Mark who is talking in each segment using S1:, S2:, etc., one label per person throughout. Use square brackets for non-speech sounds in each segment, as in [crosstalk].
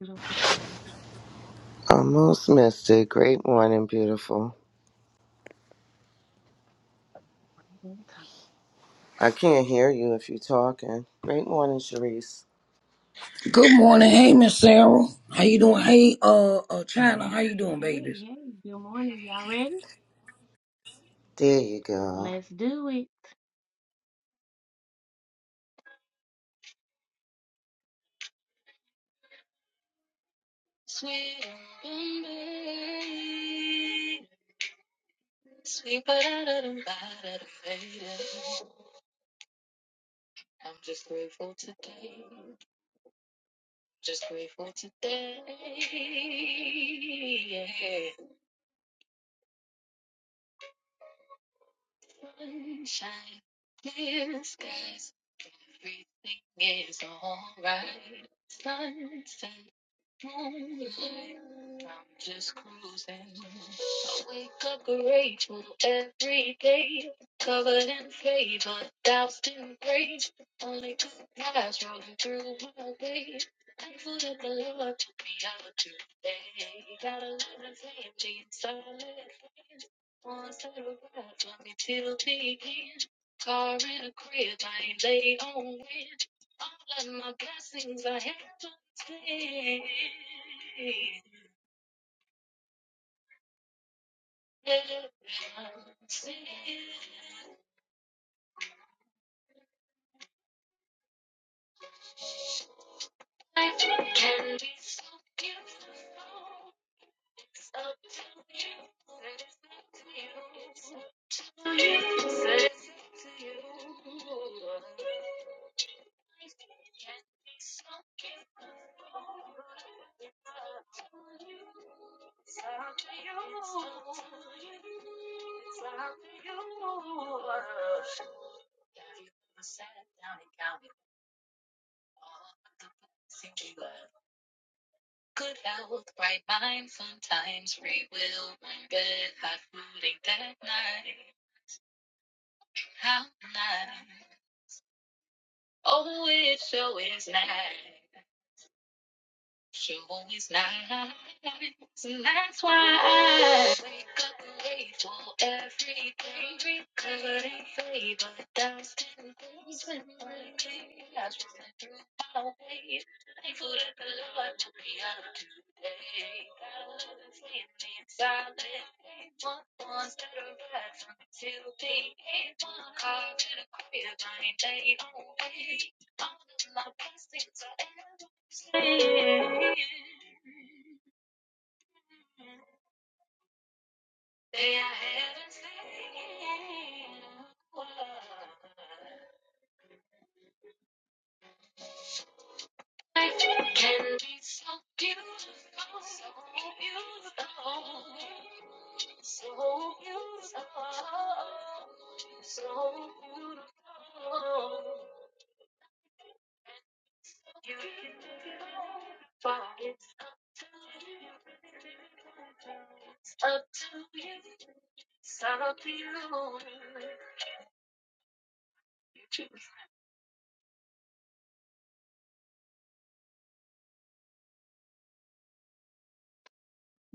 S1: Beautiful.
S2: Almost missed it. Great morning, beautiful.
S1: Hey,
S2: I can't hear you if you're talking. Great morning, Sharice.
S3: Good morning. Hey, Miss Sarah. How you doing? Hey, uh, uh, China. How you doing, babies?
S1: hey, good morning. Y'all ready?
S2: There you go.
S1: Let's do it.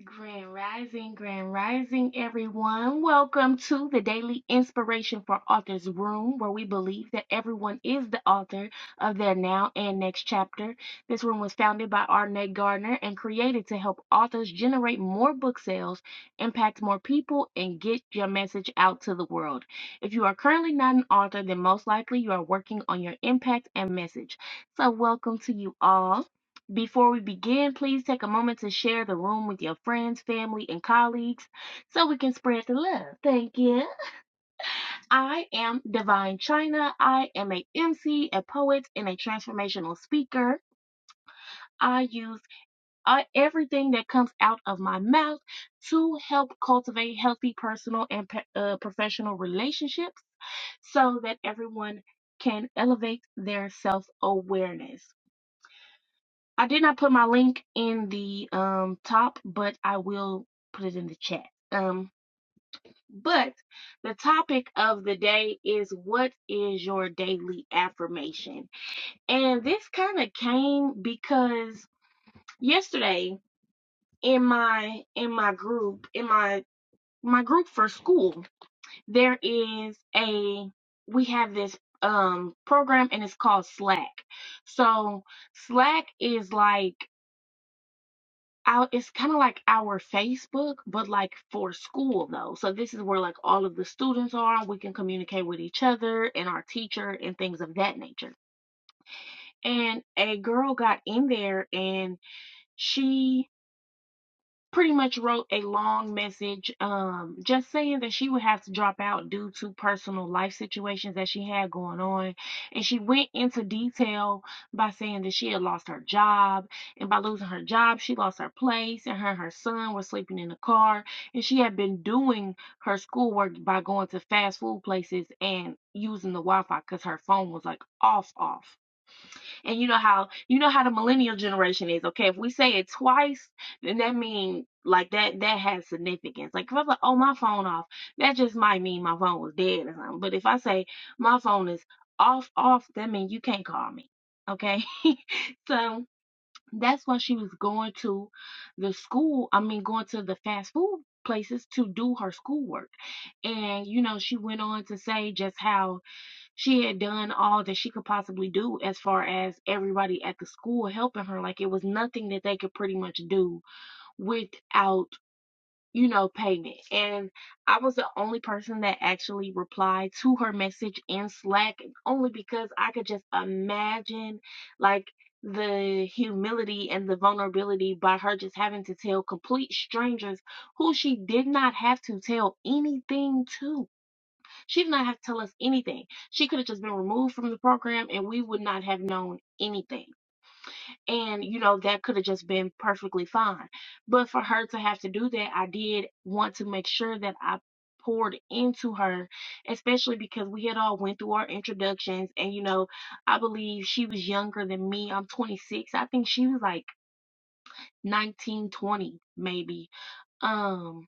S1: Grand Rising, Grand Rising, everyone. Welcome to the Daily Inspiration for Authors Room, where we believe that everyone is the author of their now and next chapter. This room was founded by Arnett Gardner and created to help authors generate more book sales, impact more people, and get your message out to the world. If you are currently not an author, then most likely you are working on your impact and message. So, welcome to you all. Before we begin, please take a moment to share the room with your friends, family, and colleagues so we can spread the love. Thank you. I am Divine China. I am a MC, a poet, and a transformational speaker. I use uh, everything that comes out of my mouth to help cultivate healthy personal and uh, professional relationships so that everyone can elevate their self awareness. I did not put my link in the um top, but I will put it in the chat. Um but the topic of the day is what is your daily affirmation? And this kind of came because yesterday in my in my group, in my my group for school, there is a we have this um program and it's called Slack. So Slack is like our it's kind of like our Facebook, but like for school though. So this is where like all of the students are. We can communicate with each other and our teacher and things of that nature. And a girl got in there and she pretty much wrote a long message um just saying that she would have to drop out due to personal life situations that she had going on and she went into detail by saying that she had lost her job and by losing her job she lost her place and her and her son were sleeping in the car and she had been doing her schoolwork by going to fast food places and using the wi-fi because her phone was like off off and you know how you know how the millennial generation is, okay? If we say it twice, then that means like that that has significance. Like if I'm like, oh my phone off, that just might mean my phone was dead or something. But if I say my phone is off off, that means you can't call me. Okay? [laughs] so that's why she was going to the school, I mean going to the fast food places to do her schoolwork. And you know, she went on to say just how she had done all that she could possibly do as far as everybody at the school helping her. Like it was nothing that they could pretty much do without, you know, payment. And I was the only person that actually replied to her message in Slack only because I could just imagine like the humility and the vulnerability by her just having to tell complete strangers who she did not have to tell anything to she did not have to tell us anything. She could have just been removed from the program and we would not have known anything. And, you know, that could have just been perfectly fine. But for her to have to do that, I did want to make sure that I poured into her, especially because we had all went through our introductions and, you know, I believe she was younger than me. I'm 26. I think she was like 19, 20 maybe. Um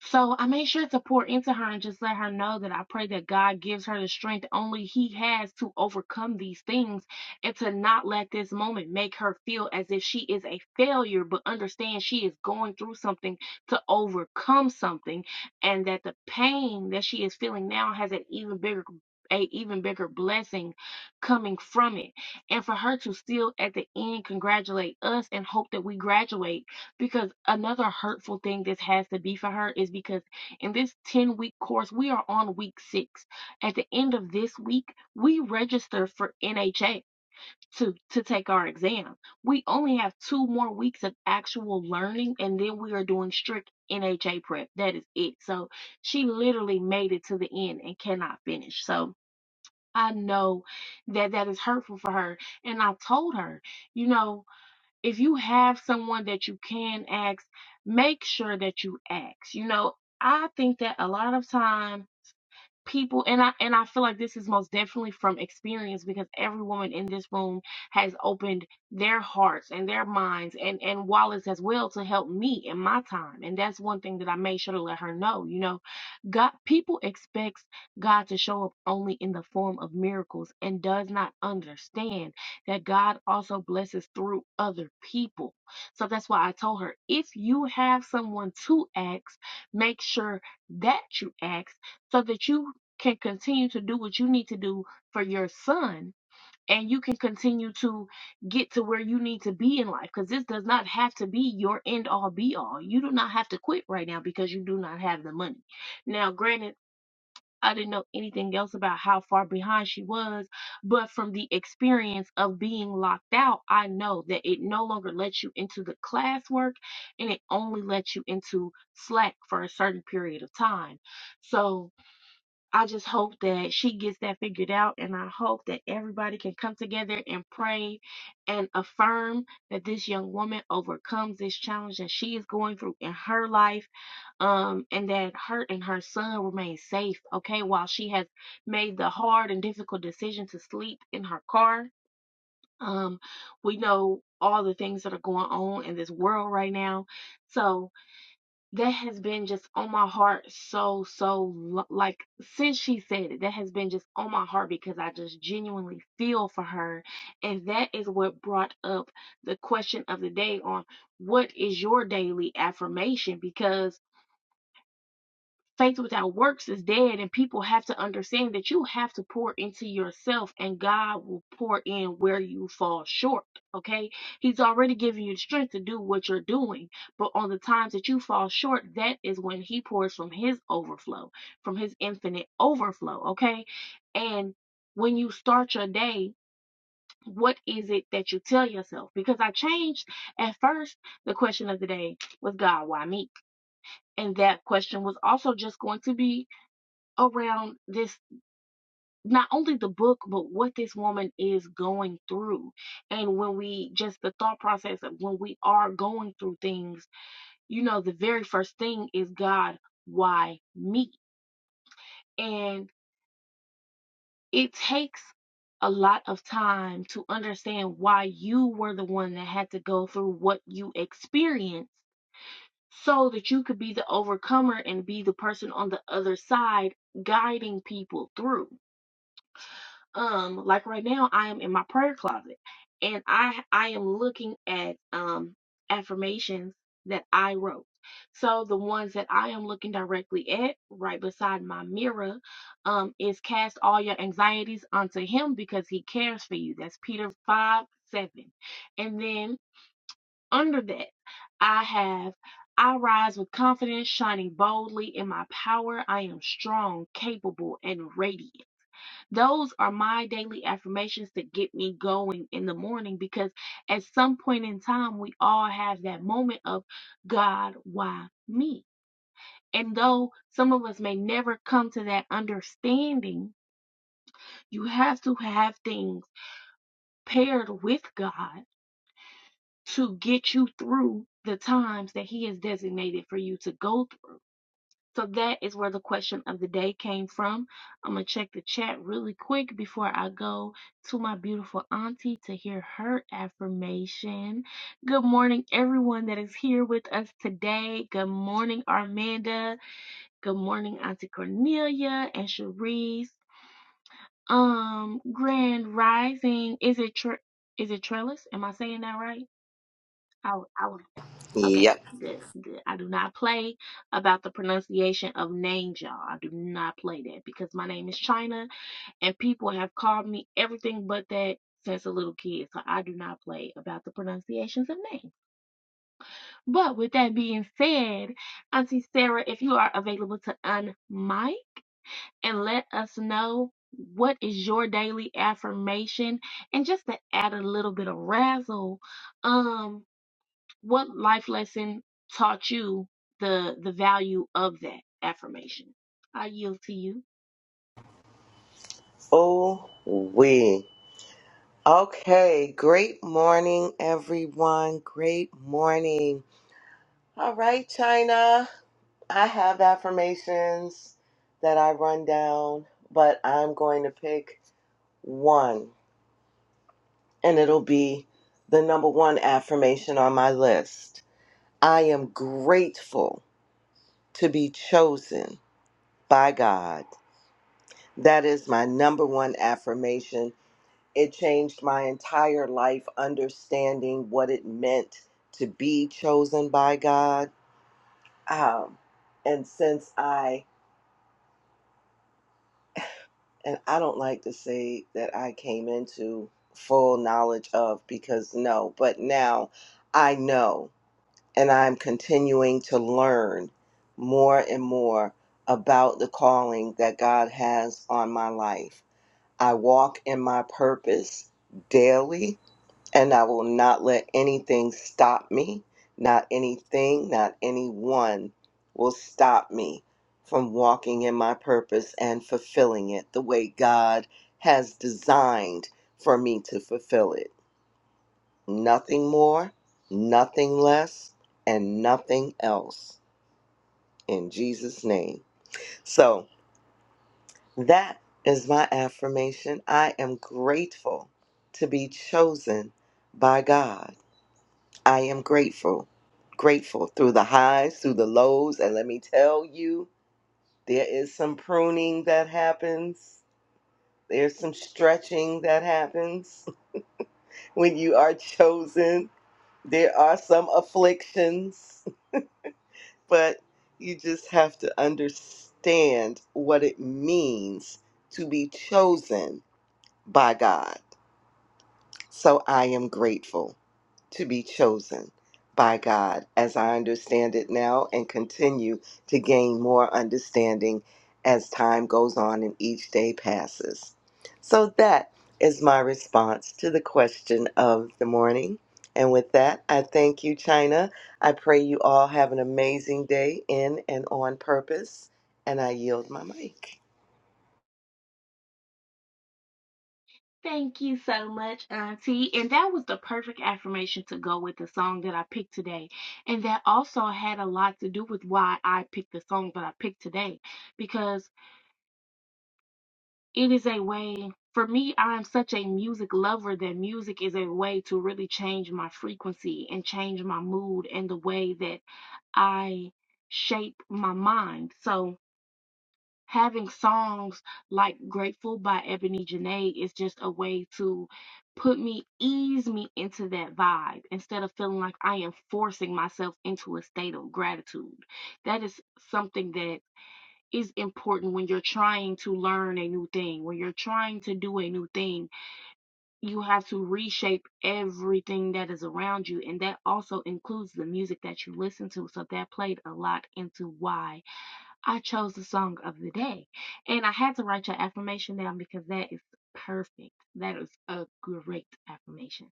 S1: so I made sure to pour into her and just let her know that I pray that God gives her the strength only He has to overcome these things and to not let this moment make her feel as if she is a failure, but understand she is going through something to overcome something, and that the pain that she is feeling now has an even bigger a even bigger blessing coming from it. And for her to still at the end congratulate us and hope that we graduate because another hurtful thing this has to be for her is because in this 10 week course, we are on week six. At the end of this week, we register for NHA to, to take our exam. We only have two more weeks of actual learning, and then we are doing strict NHA prep. That is it. So she literally made it to the end and cannot finish. So I know that that is hurtful for her. And I told her, you know if you have someone that you can ask, make sure that you ask. You know, I think that a lot of time people and I and I feel like this is most definitely from experience because every woman in this room has opened their hearts and their minds and and wallets as well to help me in my time and that's one thing that I made sure to let her know you know God people expects God to show up only in the form of miracles and does not understand that God also blesses through other people so that's why I told her if you have someone to ask make sure that you ask so that you can continue to do what you need to do for your son and you can continue to get to where you need to be in life because this does not have to be your end all be all. You do not have to quit right now because you do not have the money. Now, granted, I didn't know anything else about how far behind she was, but from the experience of being locked out, I know that it no longer lets you into the classwork and it only lets you into slack for a certain period of time. So, I just hope that she gets that figured out, and I hope that everybody can come together and pray and affirm that this young woman overcomes this challenge that she is going through in her life, um, and that her and her son remain safe, okay, while she has made the hard and difficult decision to sleep in her car. Um, we know all the things that are going on in this world right now. So, that has been just on my heart so so lo- like since she said it that has been just on my heart because i just genuinely feel for her and that is what brought up the question of the day on what is your daily affirmation because Faith without works is dead, and people have to understand that you have to pour into yourself, and God will pour in where you fall short. Okay, He's already giving you the strength to do what you're doing, but on the times that you fall short, that is when He pours from His overflow, from His infinite overflow. Okay, and when you start your day, what is it that you tell yourself? Because I changed at first, the question of the day was, God, why me? And that question was also just going to be around this not only the book but what this woman is going through and when we just the thought process of when we are going through things you know the very first thing is god why me and it takes a lot of time to understand why you were the one that had to go through what you experienced so that you could be the overcomer and be the person on the other side guiding people through um like right now I am in my prayer closet and I I am looking at um affirmations that I wrote. So the ones that I am looking directly at right beside my mirror um is cast all your anxieties onto him because he cares for you. That's Peter 5 7. And then under that I have I rise with confidence, shining boldly in my power. I am strong, capable, and radiant. Those are my daily affirmations to get me going in the morning because at some point in time, we all have that moment of God, why me? And though some of us may never come to that understanding, you have to have things paired with God to get you through the times that He has designated for you to go through. So that is where the question of the day came from. I'm going to check the chat really quick before I go to my beautiful auntie to hear her affirmation. Good morning, everyone that is here with us today. Good morning, Armanda. Good morning, Auntie Cornelia and Cherise. Um, Grand Rising. Is it tre- is it Trellis? Am I saying that right? I, I was Okay,
S2: Yep.
S1: good, good. I do not play about the pronunciation of names, y'all. I do not play that because my name is China and people have called me everything but that since a little kid. So I do not play about the pronunciations of names. But with that being said, Auntie Sarah, if you are available to unmic and let us know what is your daily affirmation and just to add a little bit of razzle, um, what life lesson taught you the the value of that affirmation? I yield to you.
S2: Oh, we. Okay. Great morning, everyone. Great morning. All right, China. I have affirmations that I run down, but I'm going to pick one, and it'll be the number one affirmation on my list. I am grateful to be chosen by God. That is my number one affirmation. It changed my entire life understanding what it meant to be chosen by God. Um, and since I, and I don't like to say that I came into full knowledge of because no, but now I know and I'm continuing to learn more and more about the calling that God has on my life I walk in my purpose daily, and I will not let anything stop me. Not anything, not anyone will stop me from walking in my purpose and fulfilling it the way God has designed for me to fulfill it. Nothing more, nothing less, and nothing else. In Jesus' name. So, That is my affirmation. I am grateful to be chosen by God. I am grateful, grateful through the highs, through the lows. And let me tell you, there is some pruning that happens, there's some stretching that happens [laughs] when you are chosen. There are some afflictions, [laughs] but you just have to understand what it means to be chosen by God So I am grateful to be chosen by God as I understand it now and continue to gain more understanding as time goes on and each day passes. So that is my response to the question of the morning. And with that, I thank you, China. I pray you all have an amazing day in and on purpose. And I yield my mic.
S1: Thank you so much, Auntie. And that was the perfect affirmation to go with the song that I picked today. And that also had a lot to do with why I picked the song that I picked today. Because it is a way, for me, I'm such a music lover that music is a way to really change my frequency and change my mood and the way that I shape my mind. So, having songs like Grateful by Ebony Janae is just a way to put me, ease me into that vibe instead of feeling like I am forcing myself into a state of gratitude. That is something that is important when you're trying to learn a new thing, when you're trying to do a new thing. You have to reshape everything that is around you, and that also includes the music that you listen to. So that played a lot into why. I chose the song of the day. And I had to write your affirmation down because that is perfect. That is a great affirmation.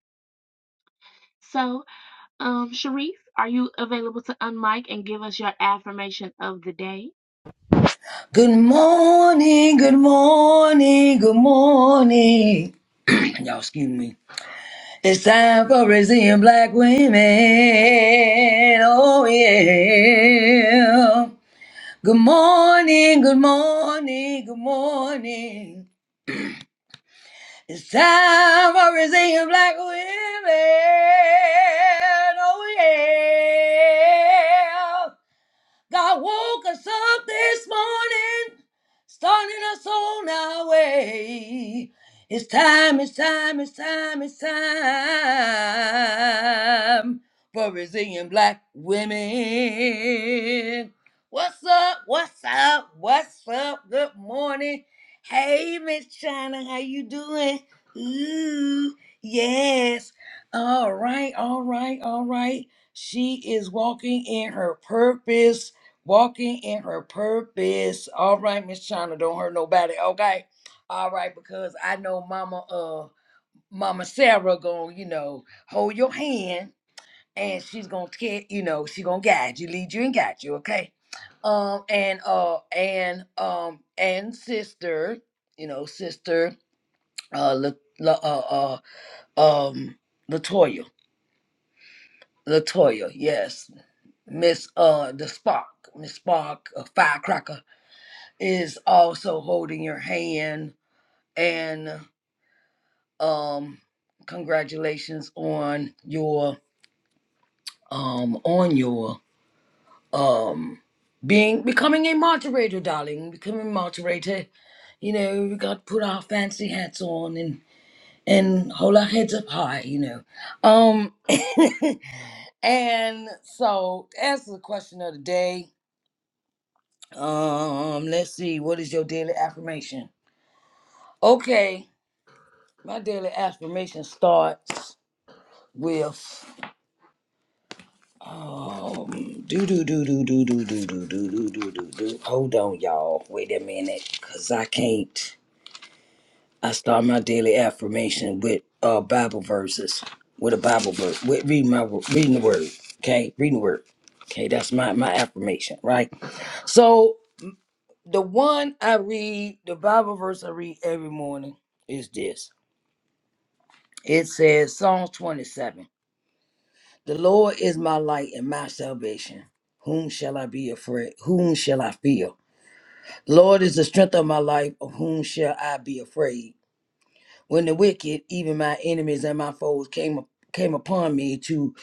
S1: So um, Sharif, are you available to unmic and give us your affirmation of the day?
S3: Good morning. Good morning. Good morning. Y'all, excuse me. It's time for raising black women. Oh yeah. Good morning. Good morning. Good morning. It's time for raising black women. Oh yeah. God woke us up this morning, started us on our way. It's time, it's time, it's time, it's time for resilient black women. What's up? What's up? What's up? Good morning. Hey, Miss China, how you doing? Ooh, yes. All right, all right, all right. She is walking in her purpose walking in her purpose. All right, Miss China, don't hurt nobody. Okay, all right, because I know Mama, uh, Mama Sarah gonna, you know, hold your hand, and she's gonna care, you know, she gonna guide you, lead you, and guide you. Okay, um, and uh, and um, and sister, you know, sister, uh, La, La, uh, uh, um, Latoya, Latoya, yes, Miss, uh, the Spark, Miss Spark, uh, Firecracker is also holding your hand and um congratulations on your um on your um being becoming a moderator darling becoming a moderator you know we got to put our fancy hats on and and hold our heads up high you know um [laughs] and so to answer the question of the day um let's see what is your daily affirmation okay My daily affirmation starts with um do do do do do do do do do do do do do. Hold on, y'all. Wait a minute, cause I can't. I start my daily affirmation with uh Bible verses, with a Bible verse, with reading my wo- reading the word. Okay, reading the word. Okay, that's my my affirmation, right? So the one I read, the Bible verse I read every morning is this. It says Psalms 27. The Lord is my light and my salvation. Whom shall I be afraid? Whom shall I fear? The Lord is the strength of my life. Of whom shall I be afraid? When the wicked, even my enemies and my foes, came came upon me to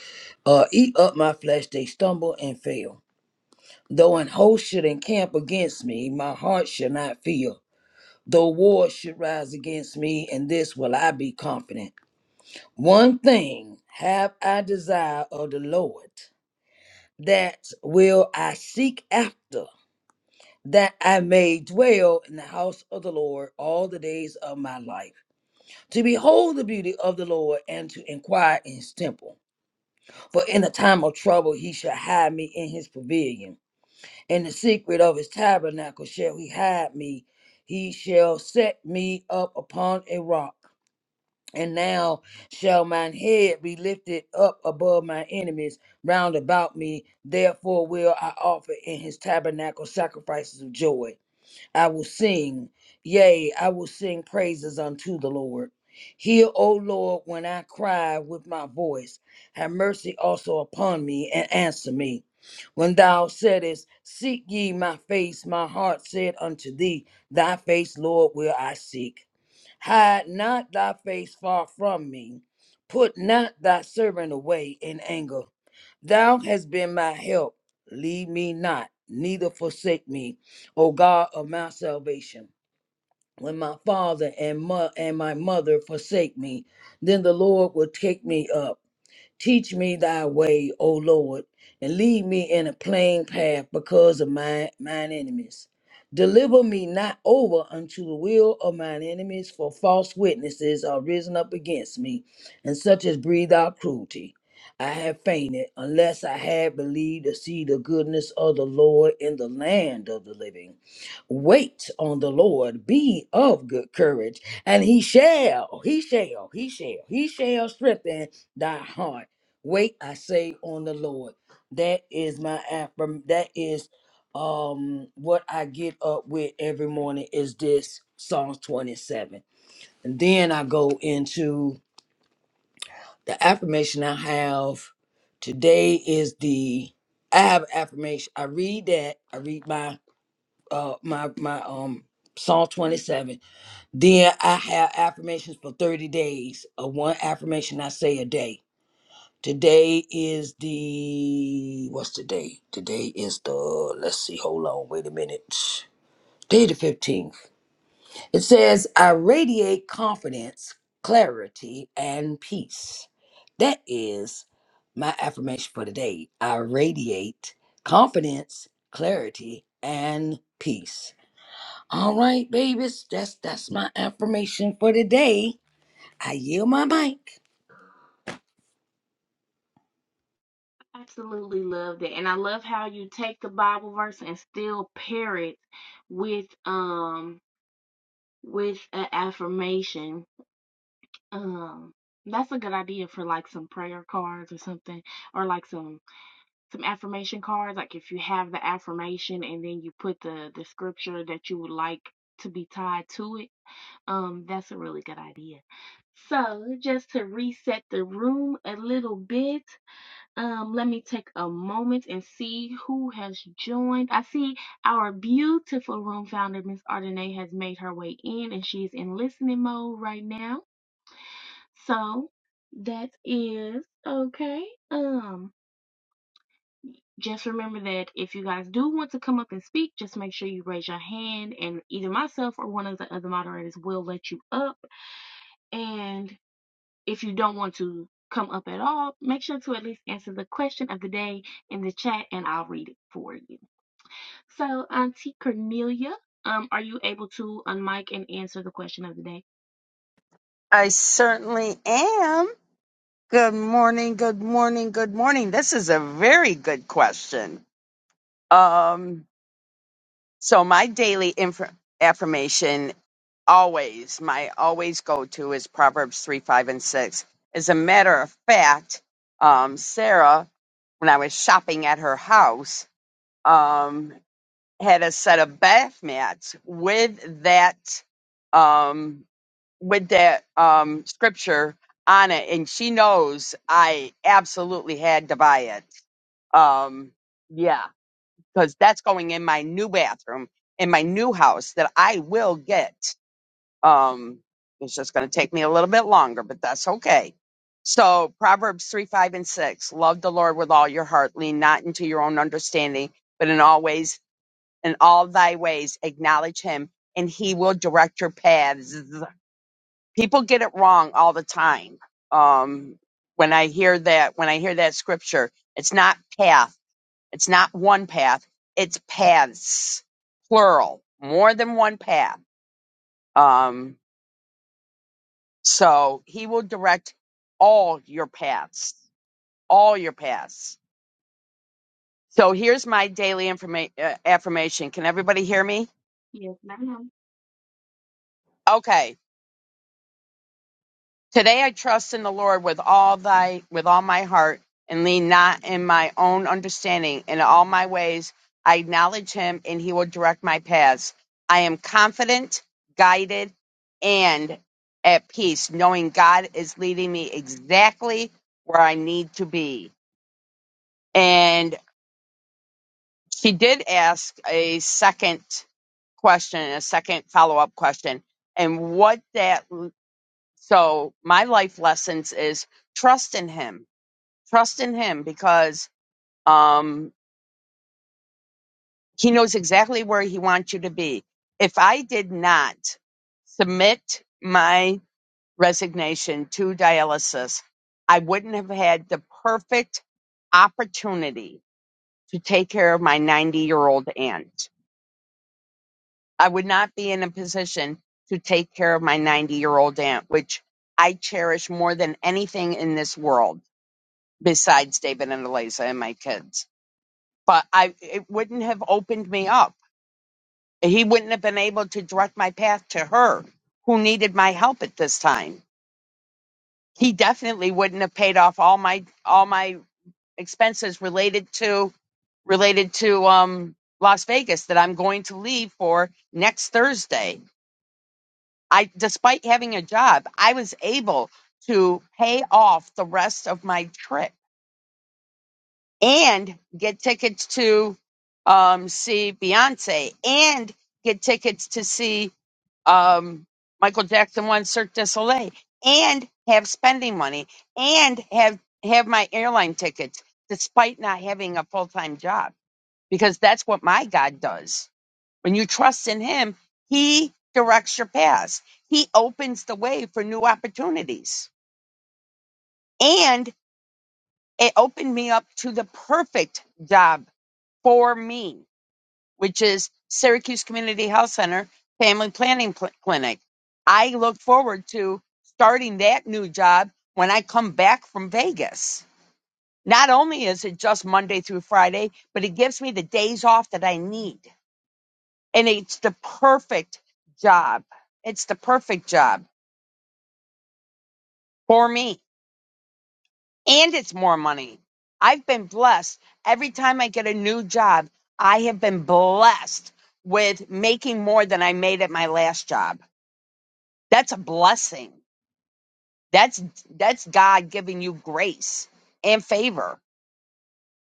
S3: uh, eat up my flesh, they stumble and fail. Though an host should encamp against me, my heart shall not fear. Though war should rise against me, in this will I be confident. One thing have I desired of the Lord. that will I seek after, that I may dwell in the house of the Lord all the days of my life, to behold the beauty of the Lord and to inquire in his temple. For in the time of trouble he shall hide me in his pavilion. In the secret of his tabernacle shall he hide me. He shall set me up upon a rock. And now shall mine head be lifted up above my enemies round about me. Therefore will I offer in his tabernacle sacrifices of joy. I will sing, yea, I will sing praises unto the Lord. Hear, O Lord, when I cry with my voice. Have mercy also upon me and answer me. When thou saidest, Seek ye my face, my heart said unto thee, Thy face, Lord, will I seek. Hide not thy face far from me. Put not thy servant away in anger. Thou hast been my help. Leave me not, neither forsake me, O God of my salvation. When my father and, mo- and my mother forsake me, then the Lord will take me up. Teach me thy way, O Lord, and lead me in a plain path because of my mine enemies. Deliver me not over unto the will of mine enemies, for false witnesses are risen up against me, and such as breathe out cruelty. I have fainted, unless I had believed to see the goodness of the Lord in the land of the living. Wait on the Lord, be of good courage, and he shall, he shall, he shall, he shall strengthen thy heart. Wait, I say on the Lord. That is my affirm. That is um what I get up with every morning is this Psalms 27. And then I go into the affirmation I have. Today is the I have affirmation. I read that. I read my uh my my um Psalm 27. Then I have affirmations for 30 days. Of one affirmation I say a day Today is the what's today? Today is the let's see, hold on, wait a minute. Day the 15th. It says, I radiate confidence, clarity, and peace. That is my affirmation for today. I radiate confidence, clarity, and peace. All right, babies, that's that's my affirmation for today. I yield my mic.
S1: Absolutely love that. And I love how you take the Bible verse and still pair it with um with an affirmation. Um that's a good idea for like some prayer cards or something or like some some affirmation cards like if you have the affirmation and then you put the the scripture that you would like to be tied to it. Um that's a really good idea. So, just to reset the room a little bit, um, let me take a moment and see who has joined. I see our beautiful room founder, Miss Ardenay, has made her way in and she's in listening mode right now. So that is okay. Um, just remember that if you guys do want to come up and speak, just make sure you raise your hand and either myself or one of the other moderators will let you up. And if you don't want to come up at all, make sure to at least answer the question of the day in the chat and I'll read it for you. So, Auntie Cornelia, um, are you able to unmic and answer the question of the day?
S4: I certainly am. Good morning, good morning, good morning. This is a very good question. Um, so my daily inf- affirmation always, my always go to is Proverbs 3, 5, and 6. As a matter of fact, um, Sarah, when I was shopping at her house, um, had a set of bath mats with that. Um, with that um scripture on it and she knows I absolutely had to buy it. Um yeah, cuz that's going in my new bathroom in my new house that I will get. Um it's just going to take me a little bit longer, but that's okay. So Proverbs 3, 5, and 6. Love the Lord with all your heart. Lean not into your own understanding, but in all ways, in all thy ways, acknowledge him, and he will direct your paths people get it wrong all the time. Um, when I hear that, when I hear that scripture, it's not path. It's not one path. It's paths, plural, more than one path. Um, so he will direct all your paths, all your paths. So here's my daily informa- uh, affirmation. Can everybody hear me?
S1: Yes, ma'am.
S4: Okay Today I trust in the Lord with all thy with all my heart and lean not in my own understanding. In all my ways I acknowledge him and he will direct my paths. I am confident, guided, and at peace, knowing God is leading me exactly where I need to be. And she did ask a second question, a second follow up question. And what that so my life lessons is trust in him trust in him because um he knows exactly where he wants you to be if i did not submit my resignation to dialysis i wouldn't have had the perfect opportunity to take care of my 90 year old aunt i would not be in a position to take care of my 90 year old aunt which i cherish more than anything in this world besides David and Eliza and my kids. But I it wouldn't have opened me up. He wouldn't have been able to direct my path to her who needed my help at this time. He definitely wouldn't have paid off all my all my expenses related to related to um Las Vegas that I'm going to leave for next Thursday. I despite having a job, I was able to pay off the rest of my trip and get tickets to um, see Beyonce and get tickets to see um, Michael Jackson one Cirque du Soleil and have spending money and have have my airline tickets despite not having a full time job because that's what my God does. When you trust in Him, He directs your paths. He opens the way for new opportunities. And it opened me up to the perfect job for me which is Syracuse Community Health Center Family Planning Pl- Clinic. I look forward to starting that new job when I come back from Vegas. Not only is it just Monday through Friday, but it gives me the days off that I need. And it's the perfect job. It's the perfect job for me. And it's more money. I've been blessed. Every time I get a new job, I have been blessed with making more than I made at my last job That's a blessing. That's that's God giving you grace and favor.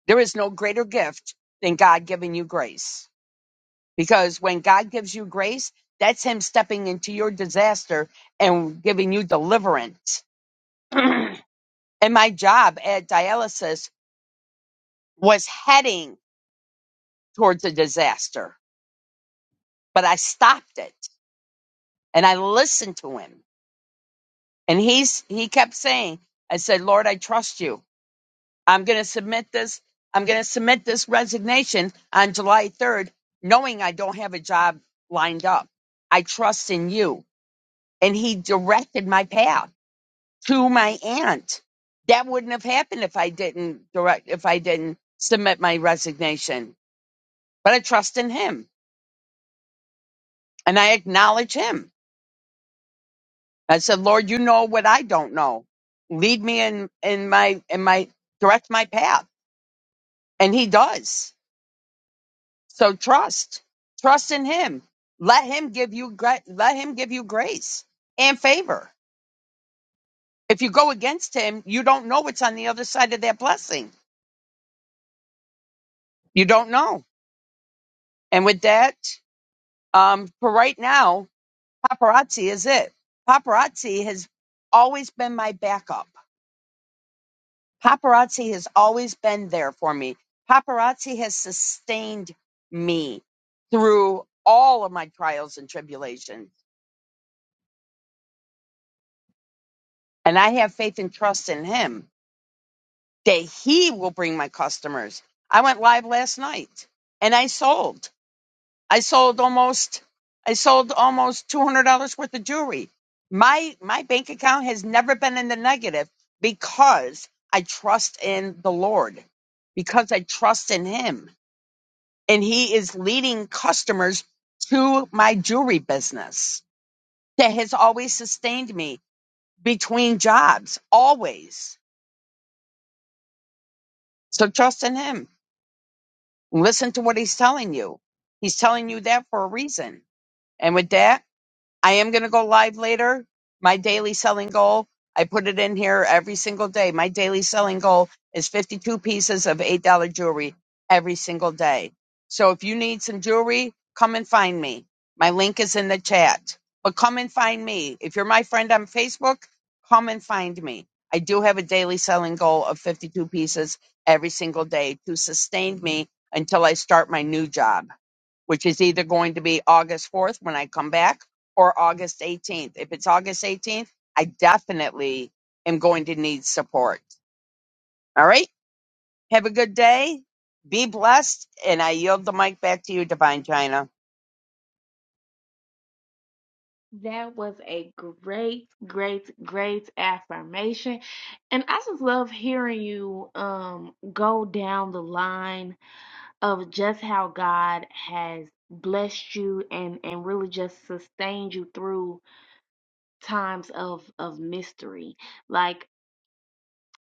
S4: There is no greater gift than God giving you grace. Because when God gives you grace, that's him stepping into your disaster and giving you deliverance. [clears throat] and my job at dialysis was heading towards a disaster, but I stopped it and I listened to him. And he's he kept saying, I said, "Lord, I trust you. I'm going to submit this. I'm going to submit this resignation on July 3rd, knowing I don't have a job lined up. I trust in you. And he directed my path to my aunt. That wouldn't have happened if I didn't direct, if I didn't submit my resignation, but I trust in him and I acknowledge him. I said, Lord, you know what I don't know. Lead me in, in my, in my, direct my path. And he does So trust, trust in Him. Let Him give you gra- let Him give you grace and favor. If you go against Him, you don't know what's on the other side of that blessing. You don't know. And with that, um, for right now, paparazzi is it. Paparazzi has always been my backup. Paparazzi has always been there for me. Paparazzi has sustained me through all of my trials and tribulations. And I have faith and trust in him that he will bring my customers. I went live last night and I sold. I sold almost I sold almost two hundred dollars worth of jewelry. My my bank account has never been in the negative because I trust in the Lord. Because I trust in him. And he is leading customers to my jewelry business that has always sustained me between jobs. Always. So trust in him. Listen to what he's telling you. He's telling you that for a reason. And with that, I am going to go live later. My daily selling goal, I put it in here every single day. My daily selling goal is 52 pieces of $8 jewelry every single day. So if you need some jewelry, come and find me. My link is in the chat. But come and find me. If you're my friend on Facebook, come and find me. I do have a daily selling goal of 52 pieces every single day to sustain me until I start my new job which is either going to be August 4th when I come back or August 18th. If it's August 18th, I definitely am going to need support. All right. Have a good day. Be blessed. And I yield the mic back to you, Divine China.
S1: That was a great, great, great affirmation. And I just love hearing you um go down the line of just how God has blessed you and and really just sustained you through times of of mystery like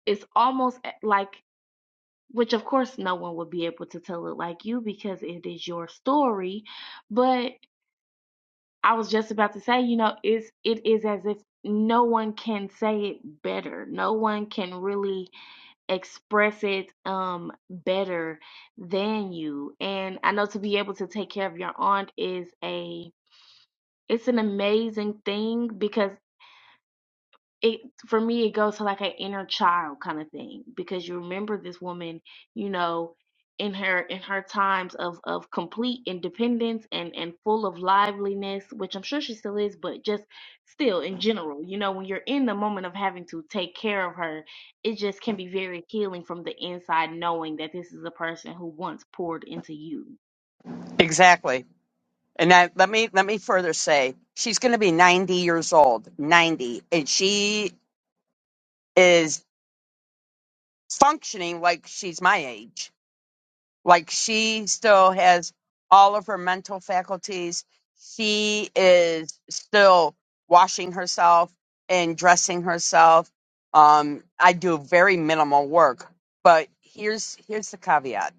S1: it's almost eh, like which of course no one would be able to tell it like you because it is your story but i was just about to say you know it's it is as if no one can say it better no one can really express it um better than you and i know to be able to take care of your aunt is a it's an amazing thing because it for me it goes to like an inner child kind of thing because you remember this woman you know in her in her times of of complete independence and and full of liveliness which i'm sure she still is but just still in general you know when you're in the moment of having to take care of her it just can be very healing from the inside knowing that this is a person who once poured into you
S4: Exactly. And I, let me let me further say she's going to be 90 years old, 90, and she is functioning like she's my age. like she still has all of her mental faculties she is still washing herself and dressing herself um i do very minimal work but here's here's the caveat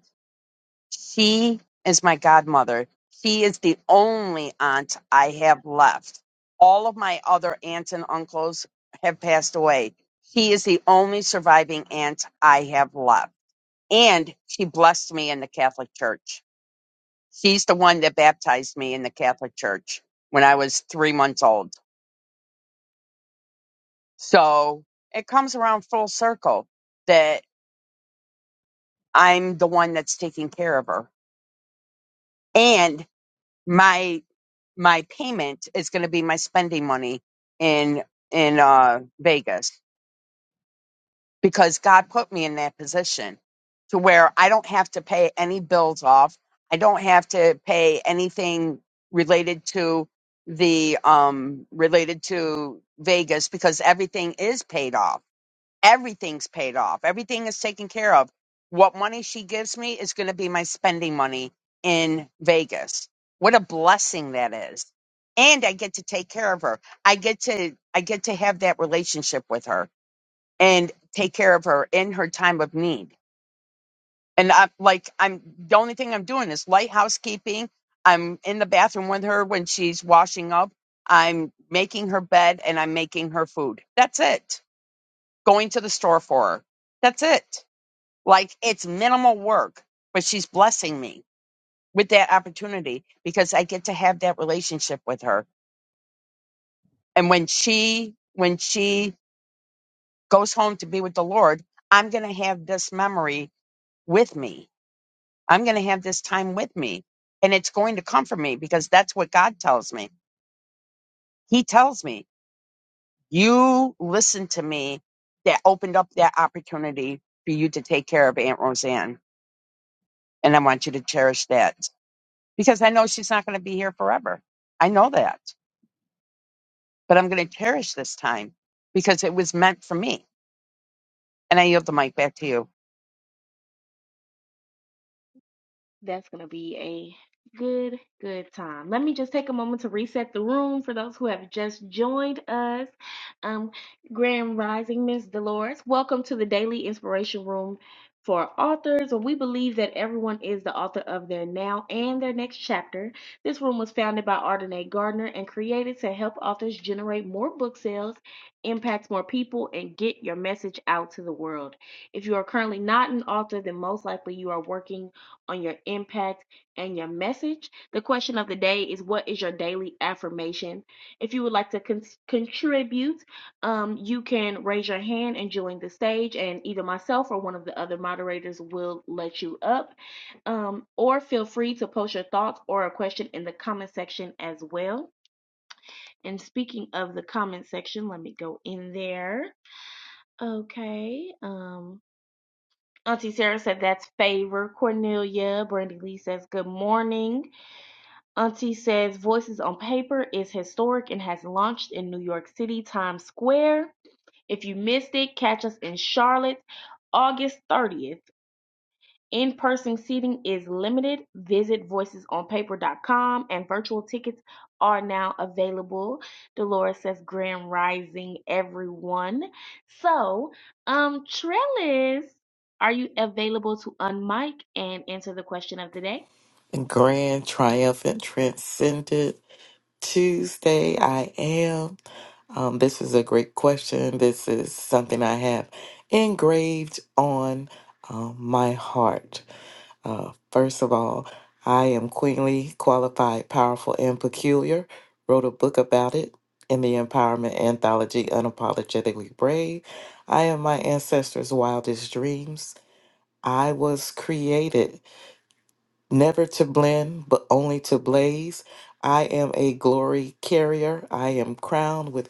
S4: she is my godmother she is the only aunt i have left all of my other aunts and uncles have passed away she is the only surviving aunt i have left and she blessed me in the Catholic Church. She's the one that baptized me in the Catholic Church when I was three months old. So it comes around full circle that I'm the one that's taking care of her. And my my payment is gonna be my spending money in in uh Vegas. because God put me in that position to where I don't have to pay any bills off. I don't have to pay anything related to the um related to Vegas because everything is paid off. Everything's paid off. Everything is taken care of. What money she gives me is going to be my spending money in Vegas. What a blessing that is. And I get to take care of her. I get to I get to have that relationship with her and take care of her in her time of need. And I'm like, I'm the only thing I'm doing is light housekeeping. I'm in the bathroom with her when she's washing up. I'm making her bed and I'm making her food. That's it. Going to the store for her. That's it. Like it's minimal work, but she's blessing me with that opportunity because I get to have that relationship with her. And when she, when she goes home to be with the Lord, I'm going to have this memory with me I'm going to have this time with me and it's going to come for me because that's what God tells me. He tells me, you listen to me that opened up that opportunity for you to take care of Aunt Roseanne. And I want you to cherish that because I know she's not going to be here forever. I know that, but I'm going to cherish this time because it was meant for me. And I yield the mic back to you.
S1: That's going to be a good, good time. Let me just take a moment to reset the room for those who have just joined us. Um, Grand Rising, Miss Dolores, welcome to the Daily Inspiration Room for authors. Where we believe that everyone is the author of their now and their next chapter. This room was founded by Ardenae Gardner and created to help authors generate more book sales, impact more people, and get your message out to the world. If you are currently not an author, then most likely you are working on your impact and your message. The question of the day is what is your daily affirmation? If you would like to con- contribute, um, you can raise your hand and join the stage, and either myself or one of the other moderators will let you up. Um, or feel free to post your thoughts or a question in the comment section as well. And speaking of the comment section, let me go in there. Okay. Um, Auntie Sarah said that's favor. Cornelia, Brandy Lee says good morning. Auntie says Voices on Paper is historic and has launched in New York City Times Square. If you missed it, catch us in Charlotte August 30th. In person seating is limited. Visit Voices on voicesonpaper.com and virtual tickets are now available. Dolores says Grand Rising, everyone. So, um, Trellis, are you available to unmic and answer the question of the day?
S5: Grand Triumphant Transcendent Tuesday. I am. Um, this is a great question. This is something I have engraved on um, my heart. Uh, first of all, I am queenly, qualified, powerful, and peculiar. Wrote a book about it in the Empowerment Anthology, Unapologetically Brave. I am my ancestors' wildest dreams. I was created never to blend, but only to blaze. I am a glory carrier. I am crowned with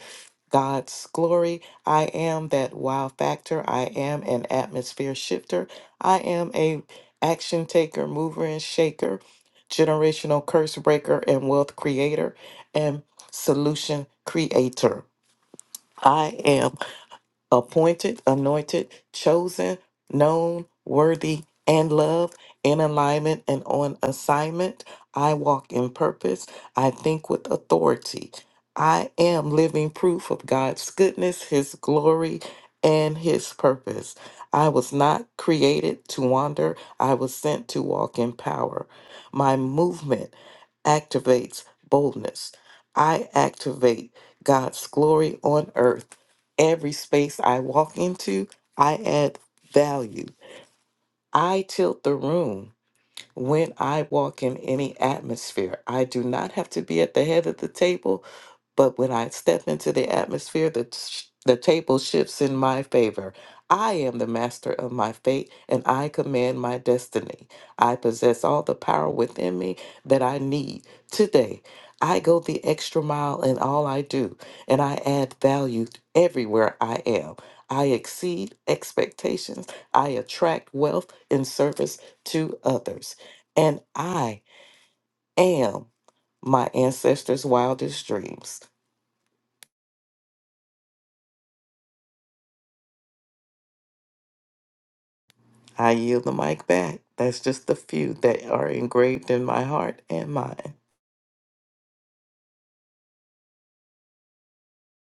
S5: God's glory. I am that wow factor. I am an atmosphere shifter. I am a action taker, mover and shaker, generational curse breaker and wealth creator and solution creator. I am appointed, anointed, chosen, known, worthy, and loved, in alignment and on assignment. I walk in purpose. I think with authority. I am living proof of God's goodness, His glory, and His purpose. I was not created to wander, I was sent to walk in power. My movement activates boldness. I activate God's glory on earth Every space I walk into, I add value. I tilt the room when I walk in any atmosphere. I do not have to be at the head of the table. But when I step into the atmosphere, the, t- the table shifts in my favor. I am the master of my fate and I command my destiny. I possess all the power within me that I need today. I go the extra mile in all I do, and I add value everywhere I am. I exceed expectations. I attract wealth in service to others. And I am my ancestors' wildest dreams. I yield the mic back. That's just the few that are engraved in my heart and mind.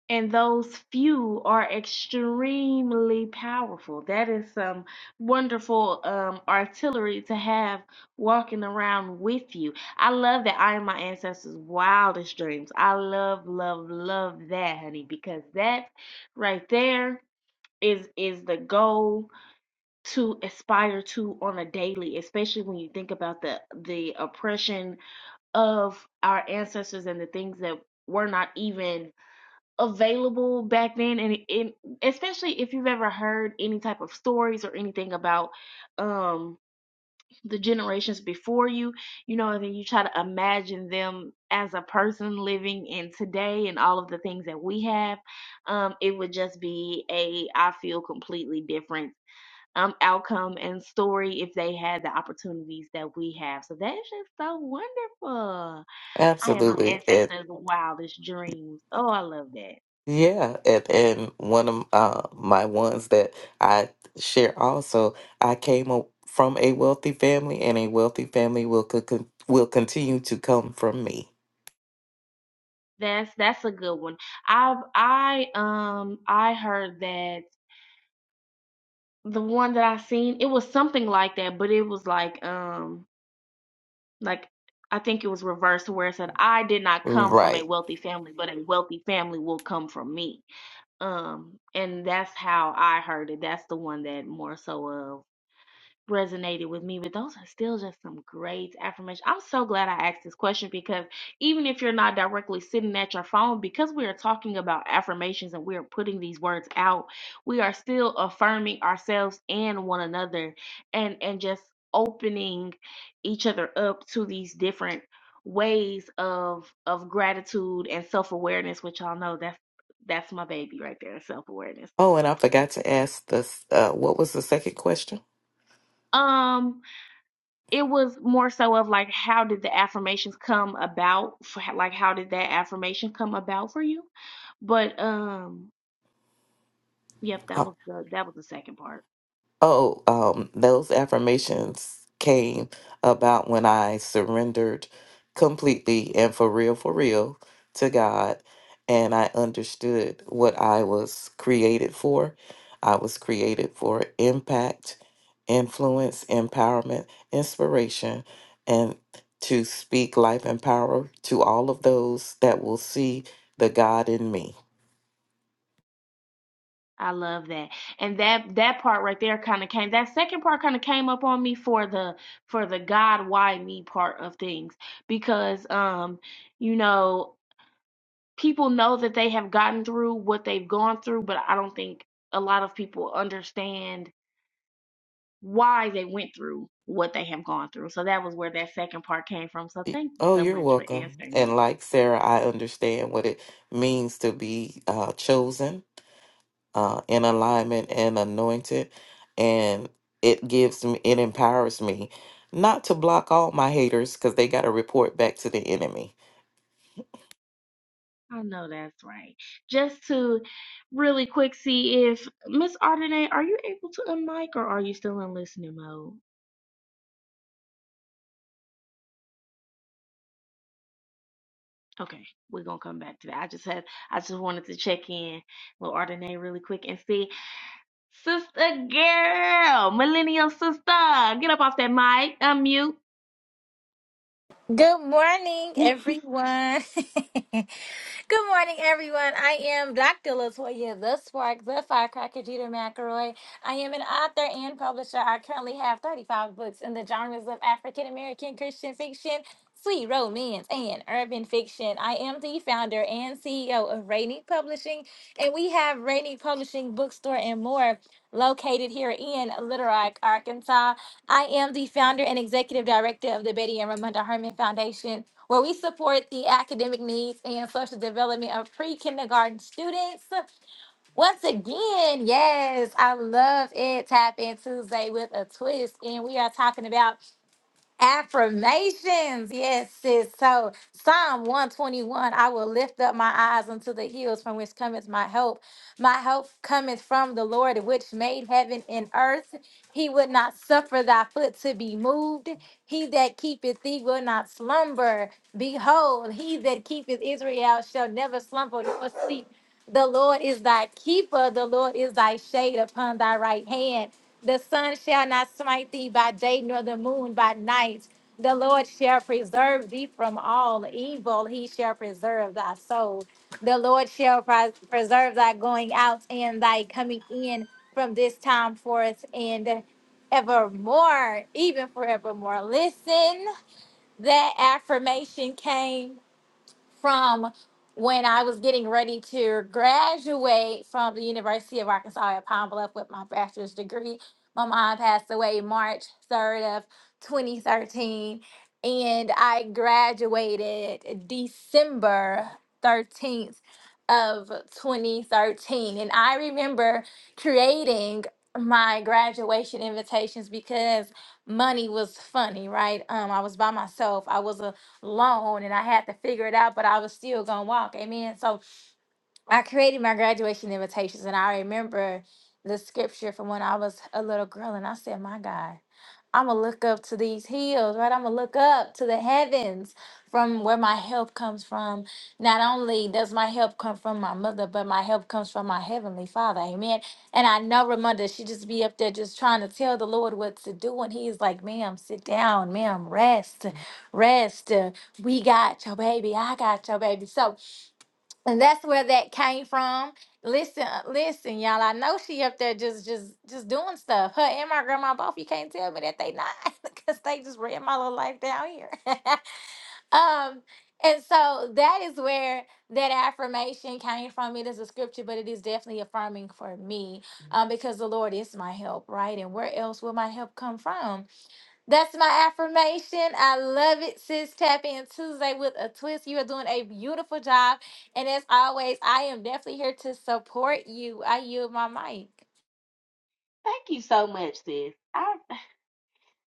S1: and those few are extremely powerful. That is some wonderful um, artillery to have walking around with you. I love that I am my ancestors' wildest dreams. I love, love, love that, honey, because that right there is is the goal to aspire to on a daily especially when you think about the the oppression of our ancestors and the things that were not even available back then and, and especially if you've ever heard any type of stories or anything about um the generations before you you know and then you try to imagine them as a person living in today and all of the things that we have um it would just be a i feel completely different um outcome and story if they had the opportunities that we have so that's just so wonderful i am my
S5: Absolutely. And
S1: ancestors wildest dreams oh i love that
S5: yeah, and, and one of uh, my ones that I share also, I came o- from a wealthy family, and a wealthy family will co- con- will continue to come from me.
S1: That's that's a good one. I've I um I heard that the one that I seen it was something like that, but it was like um like I think it was reversed where it said I did not come from a
S5: Right.
S1: wealthy family, but a wealthy family will come from me. Um and that's how I heard it. That's the one that more so of resonated with me, but those are still just some great affirmations. I'm so glad I asked this question because even if you're not directly sitting at your phone, because we are talking about affirmations and we are putting these words out, we are still affirming ourselves and one another and and just opening each other up to these different ways of of gratitude and self-awareness, which y'all know that's that's my baby right there, self-awareness.
S5: Oh, and I forgot to ask this. Uh, what was the second question?
S1: Um. it was more so of like how did the affirmations come about for, like how did that affirmation come about for you but um yep that was the that was the second part
S5: Oh, um, those affirmations came about when I surrendered completely and for real, for real to God. And I understood what I was created for. I was created for impact, influence, empowerment, inspiration, and to speak life and power to all of those that will see the God in me.
S1: i love that and that that part right there kind of came that second part kind of came up on me for the for the god why me part of things because um you know people know that they have gotten through what they've gone through but i don't think a lot of people understand why they went through what they have gone through. So that was where that second part came from. So
S5: Y-
S1: thank you
S5: Oh,
S1: so
S5: you're
S1: much for
S5: welcome.
S1: answering that.
S5: And like Sarah, I understand what it means to be uh, chosen, uh, in alignment, and anointed. And it gives me, it empowers me not to block all my haters because they got to report back to the enemy.
S1: I know that's right. Just to really quick see if Miss Ardenay, are you able to unmic or are you still in listening mode? Okay, we're gonna come back to that. I just had I just wanted to check in with Ardenay really quick and see. Sister girl, millennial sister, get up off that mic, unmute.
S6: Good morning,
S1: [laughs] Thank
S6: everyone. [laughs] Good morning, everyone. I am Dr. Latoya, the Spark, the Firecracker, Jeter McElroy. I am an author and publisher. I currently have 35 books in the genres of African American Christian fiction, sweet romance, and urban fiction. I am the founder and CEO of Rainy Publishing, and we have Rainy Publishing Bookstore and more located here in Little Rock, Arkansas. I am the founder and executive director of the Betty and Ramonda Herman Foundation where we support the academic needs and social development of pre kindergarten students. Once again, yes, I love it. Tap in Tuesday with a twist. And we are talking about Affirmations. Yes, sis. So Psalm 121, I will lift up my eyes unto the hills from which cometh my help. My help cometh from the Lord, which made heaven and earth. He would not suffer thy foot to be moved. He that keepeth thee will not slumber. Behold, he that keepeth Israel shall never slumber nor sleep. The Lord is thy keeper. The Lord is thy shade upon thy right hand. The sun shall not smite thee by day, nor the moon by night. The Lord shall preserve thee from all evil. He shall preserve thy soul. The Lord shall pres- preserve thy going out and thy coming in from this time forth and evermore, even forevermore. Listen, that affirmation came from when I was getting ready to graduate from the University of Arkansas at Pine Bluff with my bachelor's degree. My mom passed away March 3rd of 2013, and I graduated December 13th of 2013. And I remember creating my graduation invitations because money was funny, right? Um, I was by myself. I was a loan and I had to figure it out, but I was still gonna walk. Amen. So I created my graduation invitations and I remember the scripture from when I was a little girl and I said, My God. I'm going to look up to these hills, right? I'm going to look up to the heavens from where my help comes from. Not only does my help come from my mother, but my help comes from my heavenly father. Amen. And I know Ramonda, she just be up there just trying to tell the Lord what to do. And He is like, ma'am, sit down, ma'am, rest, rest. Uh, We got your baby. I got your baby. So and that's where that came from. Listen, uh, listen, y'all. I know she up there just, just, just doing stuff. Her and my grandma both. You can't tell me that they not, [laughs] because they just ran my little life down here. [laughs] um, and so that is where that affirmation came from. It is a scripture, but it is definitely affirming for me, um, because the Lord is my help, right? And where else will my help come from? That's my affirmation. I love it, sis. Tap in Tuesday with a twist. You are doing a beautiful job. And as always, I am definitely here to support you. I yield my mic.
S1: you so much, sis. I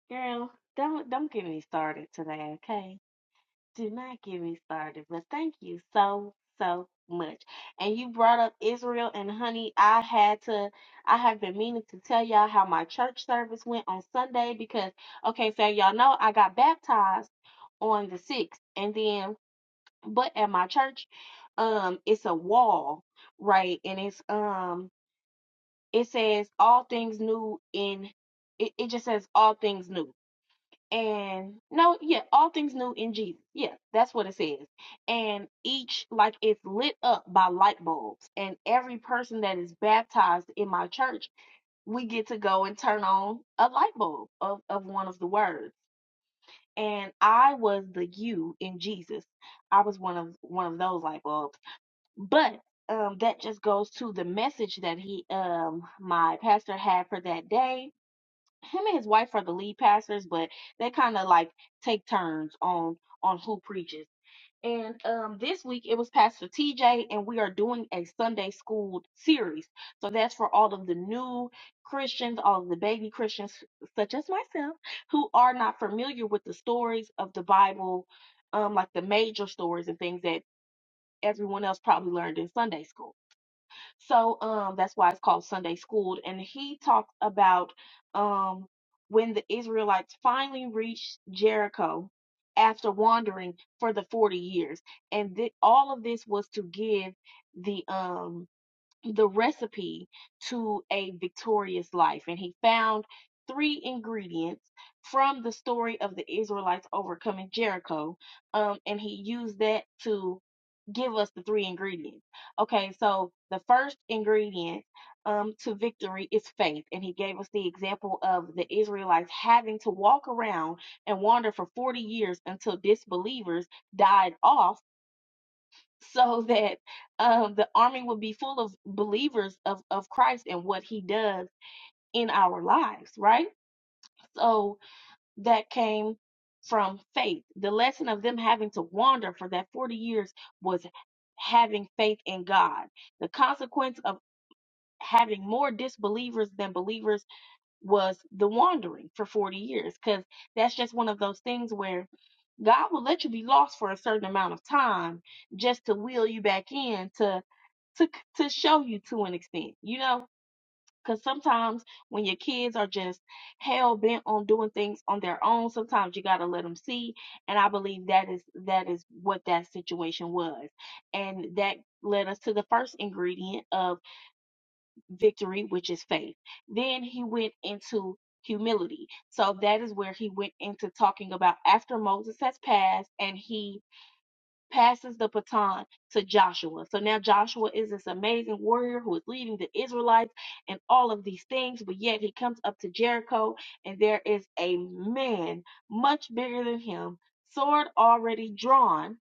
S1: Girl, don't don't get me started today, okay? Do not get me started. But thank you so so much. And you brought up Israel and honey, I had to I have been meaning to tell y'all how my church service went on Sunday because okay, so y'all know I got baptized on the 6th and then but at my church um it's a wall, right? And it's um it says all things new in it, it just says all things new and no, yeah, all things new in Jesus. Yeah, that's what it says. And each, like, it's lit up by light bulbs. And every person that is baptized in my church, we get to go and turn on a light bulb of, of one of the words. And I was the you in Jesus. I was one of one of those light bulbs. But um, that just goes to the message that he, um, my pastor had for that day him and his wife are the lead pastors, but they kind of like take turns on on who preaches. And um, this week it was Pastor TJ, and we are doing a Sunday school series. So that's for all of the new Christians, all of the baby Christians, such as myself, who are not familiar with the stories of the Bible, um, like the major stories and things that everyone else probably learned in Sunday school. So um that's why it's called Sunday Schooled. And he talked about um when the Israelites finally reached Jericho after wandering for the 40 years. And th- all of this was to give the um the recipe to a victorious life. And he found three ingredients from the story of the Israelites overcoming Jericho. Um, and he used that to give us the three ingredients. Okay, so the first ingredient um, to victory is faith. And he gave us the example of the Israelites having to walk around and wander for 40 years until disbelievers died off so that um, the army would be full of believers of, of Christ and what he does in our lives, right? So that came from faith. The lesson of them having to wander for that 40 years was having faith in God. The consequence of having more disbelievers than believers was the wandering for 40 years because that's just one of those things where God will let you be lost for a certain amount of time just to wheel you back in to to to show you to an extent, you know, because sometimes when your kids are just hell bent on doing things on their own, sometimes you gotta let them see, and I believe that is that is what that situation was, and that led us to the first ingredient of victory, which is faith. Then he went into humility. So that is where he went into talking about after Moses has passed and he passes the baton to Joshua. So now Joshua is this amazing warrior who is leading the Israelites and all of these things, but yet he comes up to Jericho and there is a man much bigger than him, sword already drawn,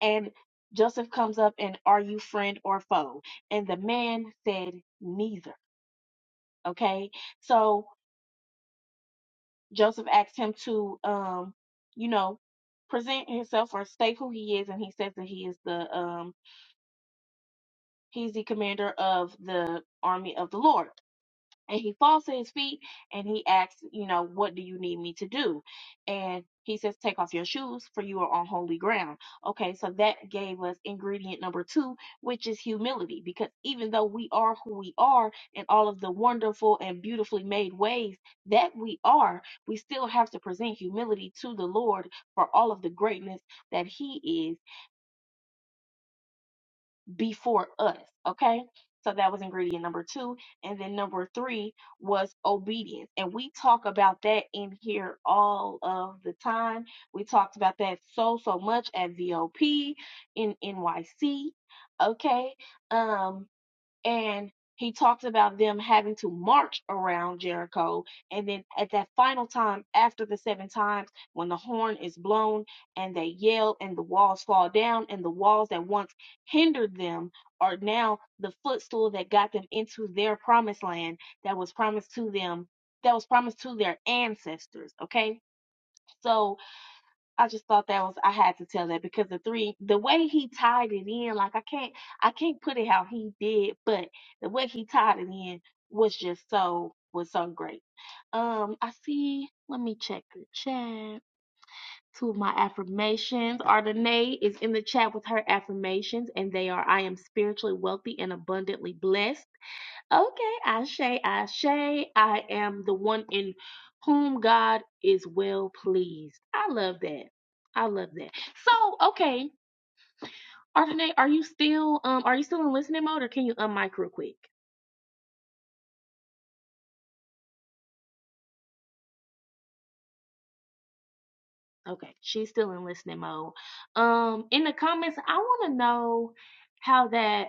S1: and Joseph comes up and are you friend or foe? And the man said neither. Okay? So Joseph asked him to um, you know, present himself or state who he is and he says that he is the um He's the commander of the army of the Lord. And he falls to his feet and he asks, you know, what do you need me to do? And he says, take off your shoes for you are on holy ground. Okay, so that gave us ingredient number two, which is humility. Because even though we are who we are and all of the wonderful and beautifully made ways that we are, we still have to present humility to the Lord for all of the greatness that he is before us. Okay. So that was ingredient number two. And then number three was obedience. And we talk about that in here all of the time. We talked about that so, so much at VOP in NYC. Okay. Um, and he talks about them having to march around Jericho. And then at that final time, after the seven times, when the horn is blown and they yell and the walls fall down, and the walls that once hindered them are now the footstool that got them into their promised land that was promised to them, that was promised to their ancestors. Okay. So, I just thought that was I had to tell that because the three the way he tied it in, like I can't I can't put it how he did, but the way he tied it in was just so was so great. Um I see let me check the chat. Two of my affirmations. Ardenae is in the chat with her affirmations, and they are I am spiritually wealthy and abundantly blessed. Okay, Ashe, Ashe, I am the one in whom God is well pleased. I love that. I love that. So, okay, Ardenae, are you still um are you still in listening mode or can you unmic real quick? Okay, she's still in listening mode. Um in the comments, I want to know how that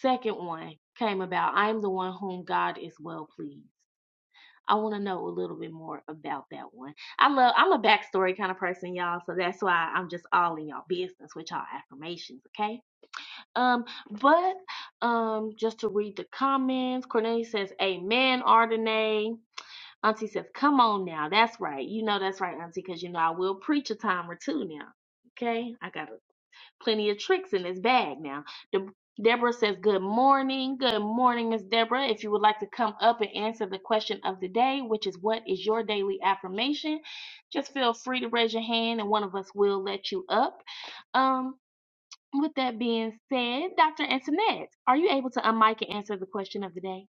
S1: second one came about. I am the one whom God is well pleased. I want to know a little bit more about that one. I love I'm a backstory kind of person, y'all, so that's why I'm just all in y'all business with y'all affirmations, okay? Um, but um, just to read the comments, Cornelia says, "Amen, Ardenay." Auntie says, "Come on now, that's right. You know that's right, Auntie, because you know I will preach a time or two now." Okay, I gotta Plenty of tricks in his bag now. De- Deborah says, Good morning. Good morning, Miss Deborah. If you would like to come up and answer the question of the day, which is what is your daily affirmation, just feel free to raise your hand and one of us will let you up. Um, with that being said, Dr. Antoinette, are you able to unmic and answer the question of the day?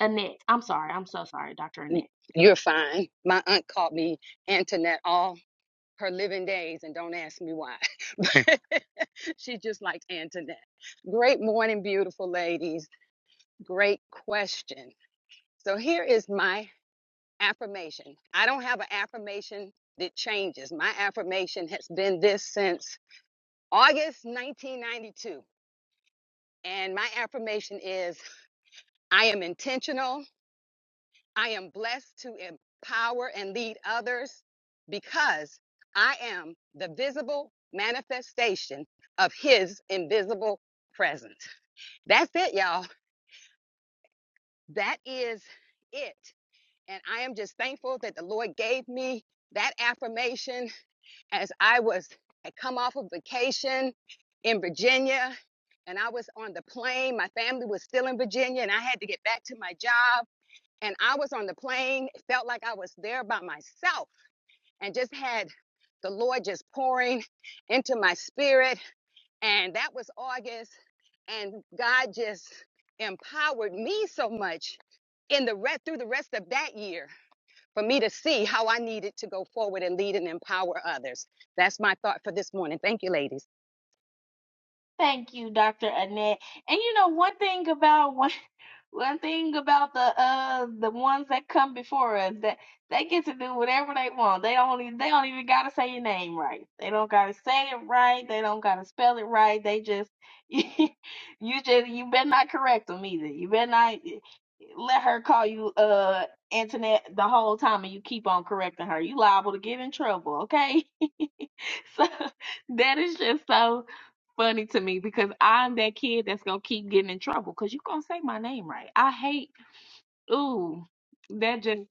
S1: Annette, I'm sorry. I'm so sorry, Dr.
S7: y-
S1: Annette.
S7: you're fine. My aunt called me Antoinette all her living days, and don't ask me why. [laughs] she just liked Antoinette. Great morning, beautiful ladies. Great question. So here is my affirmation. I don't have an affirmation that changes. My affirmation has been this since August 1992. And my affirmation is I am intentional, I am blessed to empower and lead others because I am the visible manifestation of His invisible presence. That's it, y'all. That is it. And I am just thankful that the Lord gave me that affirmation as I was had come off of vacation in Virginia and I was on the plane. My family was still in Virginia and I had to get back to my job and I was on the plane, felt like I was there by myself and just had the Lord just pouring into my spirit. And that was August. And God just empowered me so much in the re- through the rest of that year for me to see how I needed to go forward and lead and empower others. That's my thought for this morning. Thank you, ladies.
S1: Thank you, Dr. Annette. And you know, one thing about one, [laughs] one thing about the uh the ones that come before us that they get to do whatever they want. They don't even they don't even gotta say your name right. They don't gotta say it right. They don't gotta spell it right. They just [laughs] you just you better not correct them either. You better not eh, let her call you uh internet the whole time and you keep on correcting her. You liable to get in trouble, okay? [laughs] So [laughs] that is just so funny to me because I'm that kid that's gonna keep getting in trouble because you're gonna say my name right. I hate ooh that just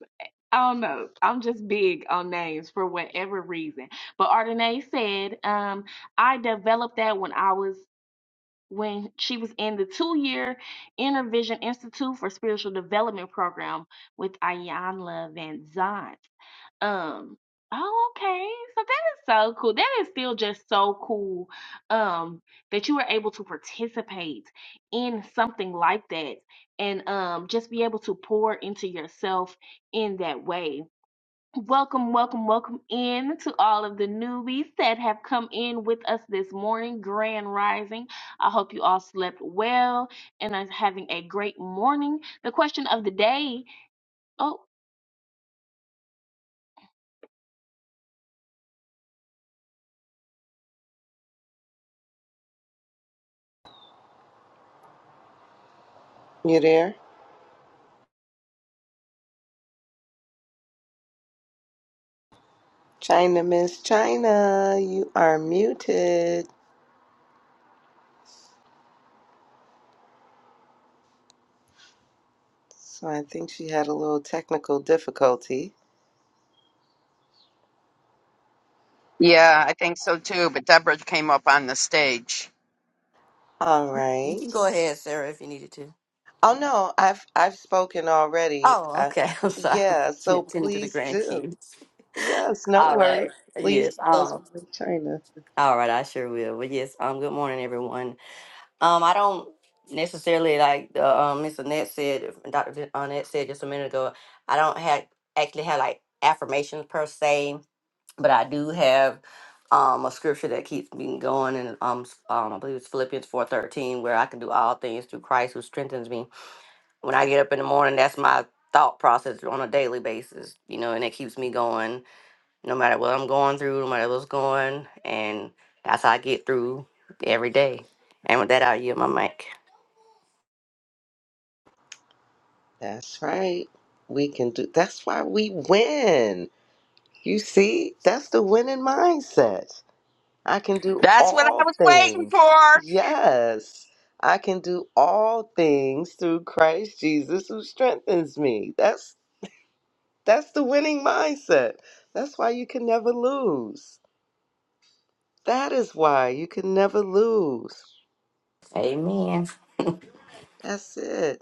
S1: I don't know. I'm just big on names for whatever reason. But Ardenae said, um, I developed that when I was when she was in the two-year Inner Vision Institute for Spiritual Development program with Ayanla Van Zant. Um, oh, okay. So that is so cool. That is still just so cool. Um, that you were able to participate in something like that and um just be able to pour into yourself in that way. Welcome, welcome, welcome in to all of the newbies that have come in with us this morning, Grand Rising. I hope you all slept well and are having a great morning. The question of the day. Oh,
S2: You there? China, Miss China, you are muted. So I think she had a little technical difficulty.
S4: Yeah, I think so too. But Deborah came up on the stage.
S2: All
S8: You
S2: right.
S8: can go ahead, Sarah, if you needed to.
S2: Oh no, I've I've spoken already.
S8: Oh,
S2: I,
S8: okay. [laughs] I'm sorry.
S2: yeah, so
S8: Tend to the
S2: please do.
S8: grandkids.
S2: Yes, no
S8: All
S2: worries.
S8: right.
S2: Please
S8: Yes.
S2: do as
S8: Um.
S2: we in China.
S8: All right. I sure will. But yes. Um. Good morning, everyone. Um. I don't necessarily like the um. Miss Annette said. Doctor Annette said just a minute ago. I don't have actually have like affirmations per se, but I do have um a scripture that keeps me going, and um, s- um I believe it's Philippians four thirteen, where I can do all things through Christ who strengthens me. when I get up in the morning, that's my thought process on a daily basis, you know, and it keeps me going no matter what I'm going through, no matter what's going. And that's how I get through every day. And with that, I'll yield my mic.
S2: That's right. We can do. That's why we win. You see, that's the winning mindset. I can do
S4: That's what I
S2: all
S4: was waiting
S2: things.
S4: for.
S2: Yes. I can do all things through Christ Jesus who strengthens me. That's That's the winning mindset. That's why you can never lose. That is why you can never lose.
S8: Amen.
S2: That's it.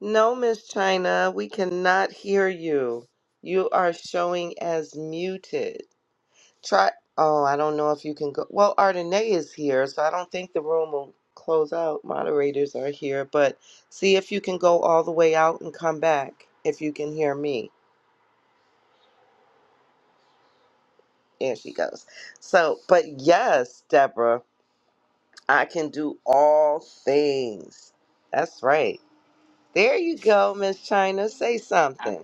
S2: No, Miss China, we cannot hear you. You are showing as muted. Try. Oh, I don't know if you can go. Well, Ardenae is here, so I don't think the room will close out. Moderators are here, but see if you can go all the way out and come back if you can hear me. There she goes. So, but yes, Deborah. I can do all things. That's right. There you go, Miss China. Say something.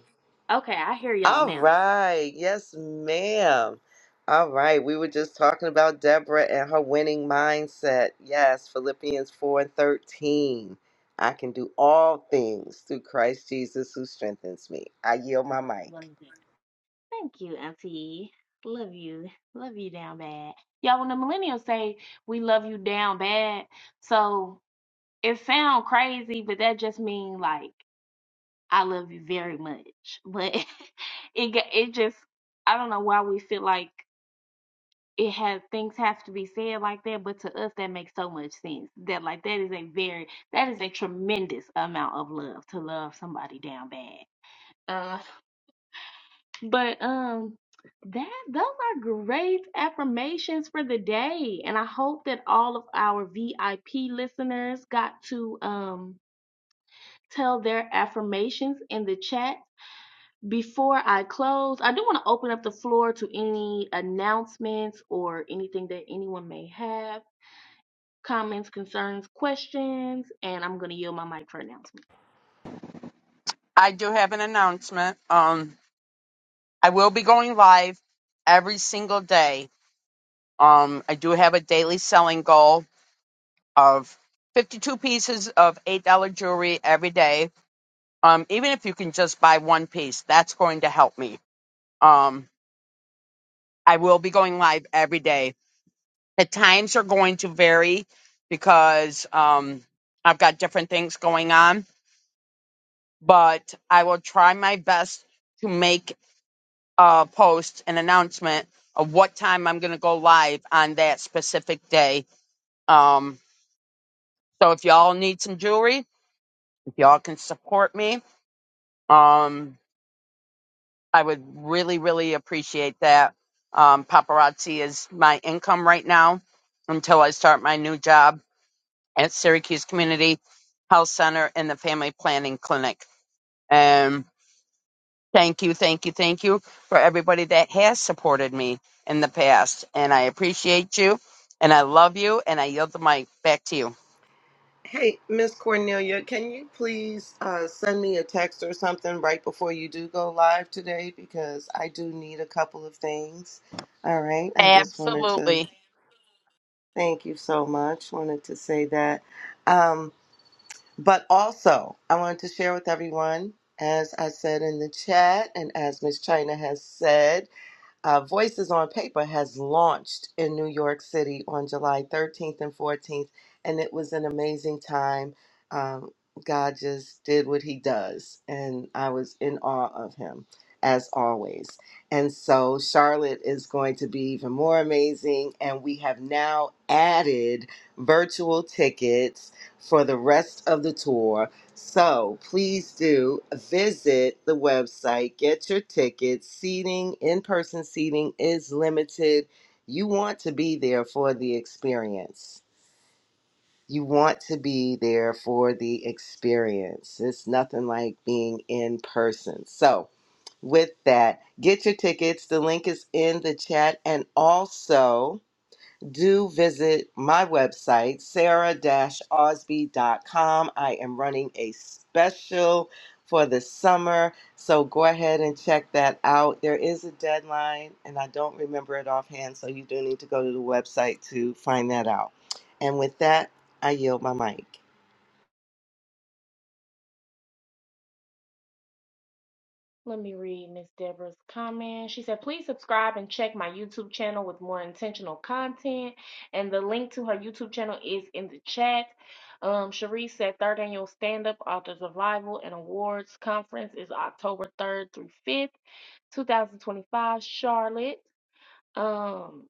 S1: okay, I hear y'all
S2: All
S1: now.
S2: right. Yes, ma'am. All right. We were just talking about Deborah and her winning mindset. Yes, Philippians 4 and 13. I can do all things through Christ Jesus who strengthens me. I yield my mic.
S1: Thank you, Auntie. Love you. Love you down bad. Y'all, when the millennials say we love you down bad, so it sound crazy, but that just mean like I love you very much. But [laughs] it ga- it just I don't know why we feel like it has things have to be said like that, but to us that makes so much sense. That like that is a very that is a tremendous amount of love to love somebody down bad. But um that those are great affirmations for the day. And I hope that all of our VIP listeners got to um tell their affirmations in the chat. Before I close, I do want to open up the floor to any announcements or anything that anyone may have, comments, concerns, questions, and I'm going to yield my mic for announcements.
S4: I do have an announcement. Um, I will be going live every single day. Um, I do have a daily selling goal of 52 pieces of $8 jewelry every day. Um, even if you can just buy one piece, that's going to help me. Um, I will be going live every day. The times are going to vary because um, I've got different things going on, but I will try my best to make uh, post an announcement of what time I'm going to go live on that specific day. Um, so if y'all need some jewelry, if y'all can support me, um, I would really, really appreciate that. Um, paparazzi is my income right now until I start my new job at Syracuse Community Health Center in the Family Planning Clinic. And Thank you, thank you, thank you for everybody that has supported me in the past. And I appreciate you and I love you and I yield the mic back to you.
S2: Hey, Miss Cornelia, can you please uh, send me a text or something right before you do go live today? Because I do need a couple of things. All right. I just wanted to
S4: Absolutely.
S2: thank you so much. Wanted to say that. Um, but also, I wanted to share with everyone, as I said in the chat and as Miss China has said, uh, Voices on Paper has launched in New York City on July 13th and 14th, and it was an amazing time. Um, God just did what He does, and I was in awe of Him as always. And so Charlotte is going to be even more amazing, and we have now added virtual tickets for the rest of the tour. So please do visit the website, get your tickets. Seating, in person seating is limited. You want to be there for the experience. You want to be there for the experience. It's nothing like being in person. So, with that, get your tickets. The link is in the chat. And also, do visit my website, sarah-osby.com. I am running a special for the summer, so go ahead and check that out. There is a deadline, and I don't remember it offhand, so you do need to go to the website to find that out. And with that, I yield my mic.
S1: Let me read Miss Deborah's comment. She said, please subscribe and check my YouTube channel with more intentional content. And the link to her YouTube channel is in the chat. Um, Cherie said, third annual stand up authors revival and awards conference is October 3rd through 5th, 2025, Charlotte, um,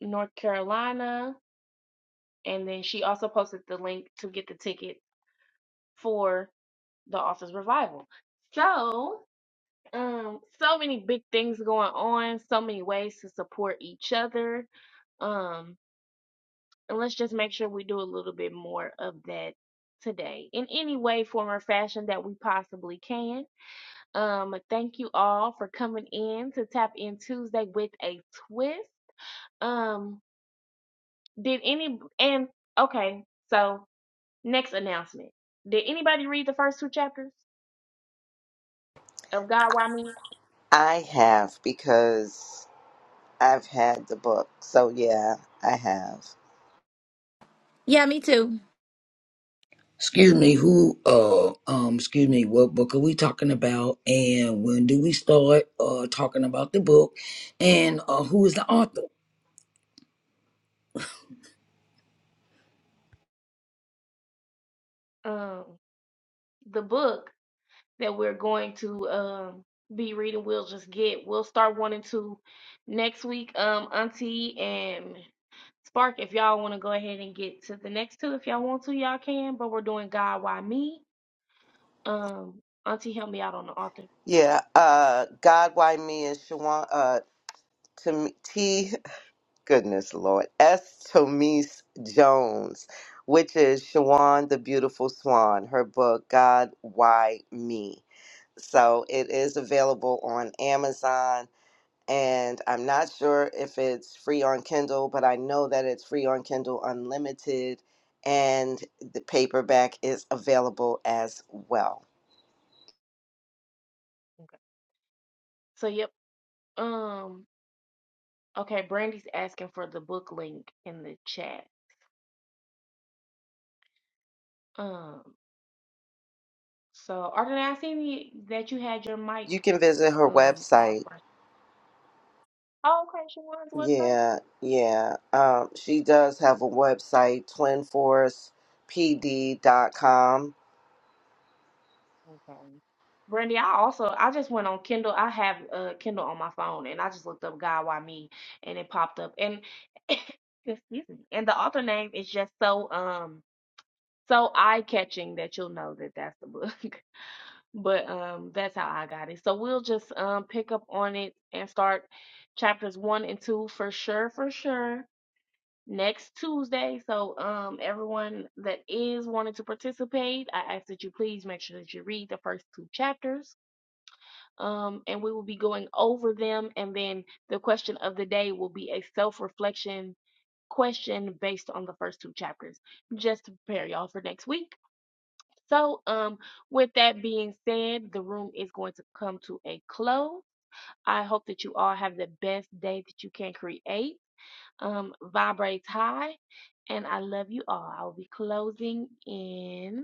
S1: North Carolina. And then she also posted the link to get the ticket for the author's revival. So Um, so many big things going on, so many ways to support each other. Um, and let's just make sure we do a little bit more of that today in any way, form, or fashion that we possibly can. Um, thank you all for coming in to Tap In Tuesday with a twist. Um, did any and okay, so next announcement. Did anybody read the first two chapters of God Why Me?
S2: I have because I've had the book, so yeah, I have.
S6: Yeah, me too.
S3: Excuse me, who uh um excuse me, what book are we talking about and when do we start uh talking about the book and uh who is the author?
S1: Um, the book. that we're going to um be reading we'll just get we'll start one and two next week um auntie and spark if y'all want to go ahead and get to the next two if y'all want to y'all can but we're doing god why me um auntie help me out on the author
S2: Yeah, uh, God, why me is Shawan, uh, to me, [laughs] goodness, Lord. S. Tomise Jones, which is Shawan the Beautiful Swan, her book, God, Why Me? So it is available on Amazon. And I'm not sure if it's free on Kindle, but I know that it's free on Kindle Unlimited. And the paperback is available as well.
S1: so yep um okay brandy's asking for the book link in the chat um so arden i seen you- that you had your
S2: You
S1: mic
S2: can visit her
S1: um on
S2: website
S1: oh okay Shawan's website
S2: Yeah, yeah. Um, she does have a website, twinforcepd.com.
S1: Okay. Brandy, I also I just went on Kindle. I have uh Kindle on my phone and I just looked up God Why Me and it popped up. And [coughs] [laughs] excuse me. And the author name is just so um so eye catching that you'll know that that's the book. [laughs] But um that's how I got it. So we'll just um pick up on it and start chapters one and two for sure, for sure. Next Tuesday. So um everyone that is wanting to participate, I ask that you please make sure that you read the first two chapters um, and we will be going over them. And then the question of the day will be a self reflection question based on the first two chapters, just to prepare y'all for next week. So, um, with that being said, the room is going to come to a close. I hope that you all have the best day that you can create. Um, vibrates high, and I love you all. I'll be closing in.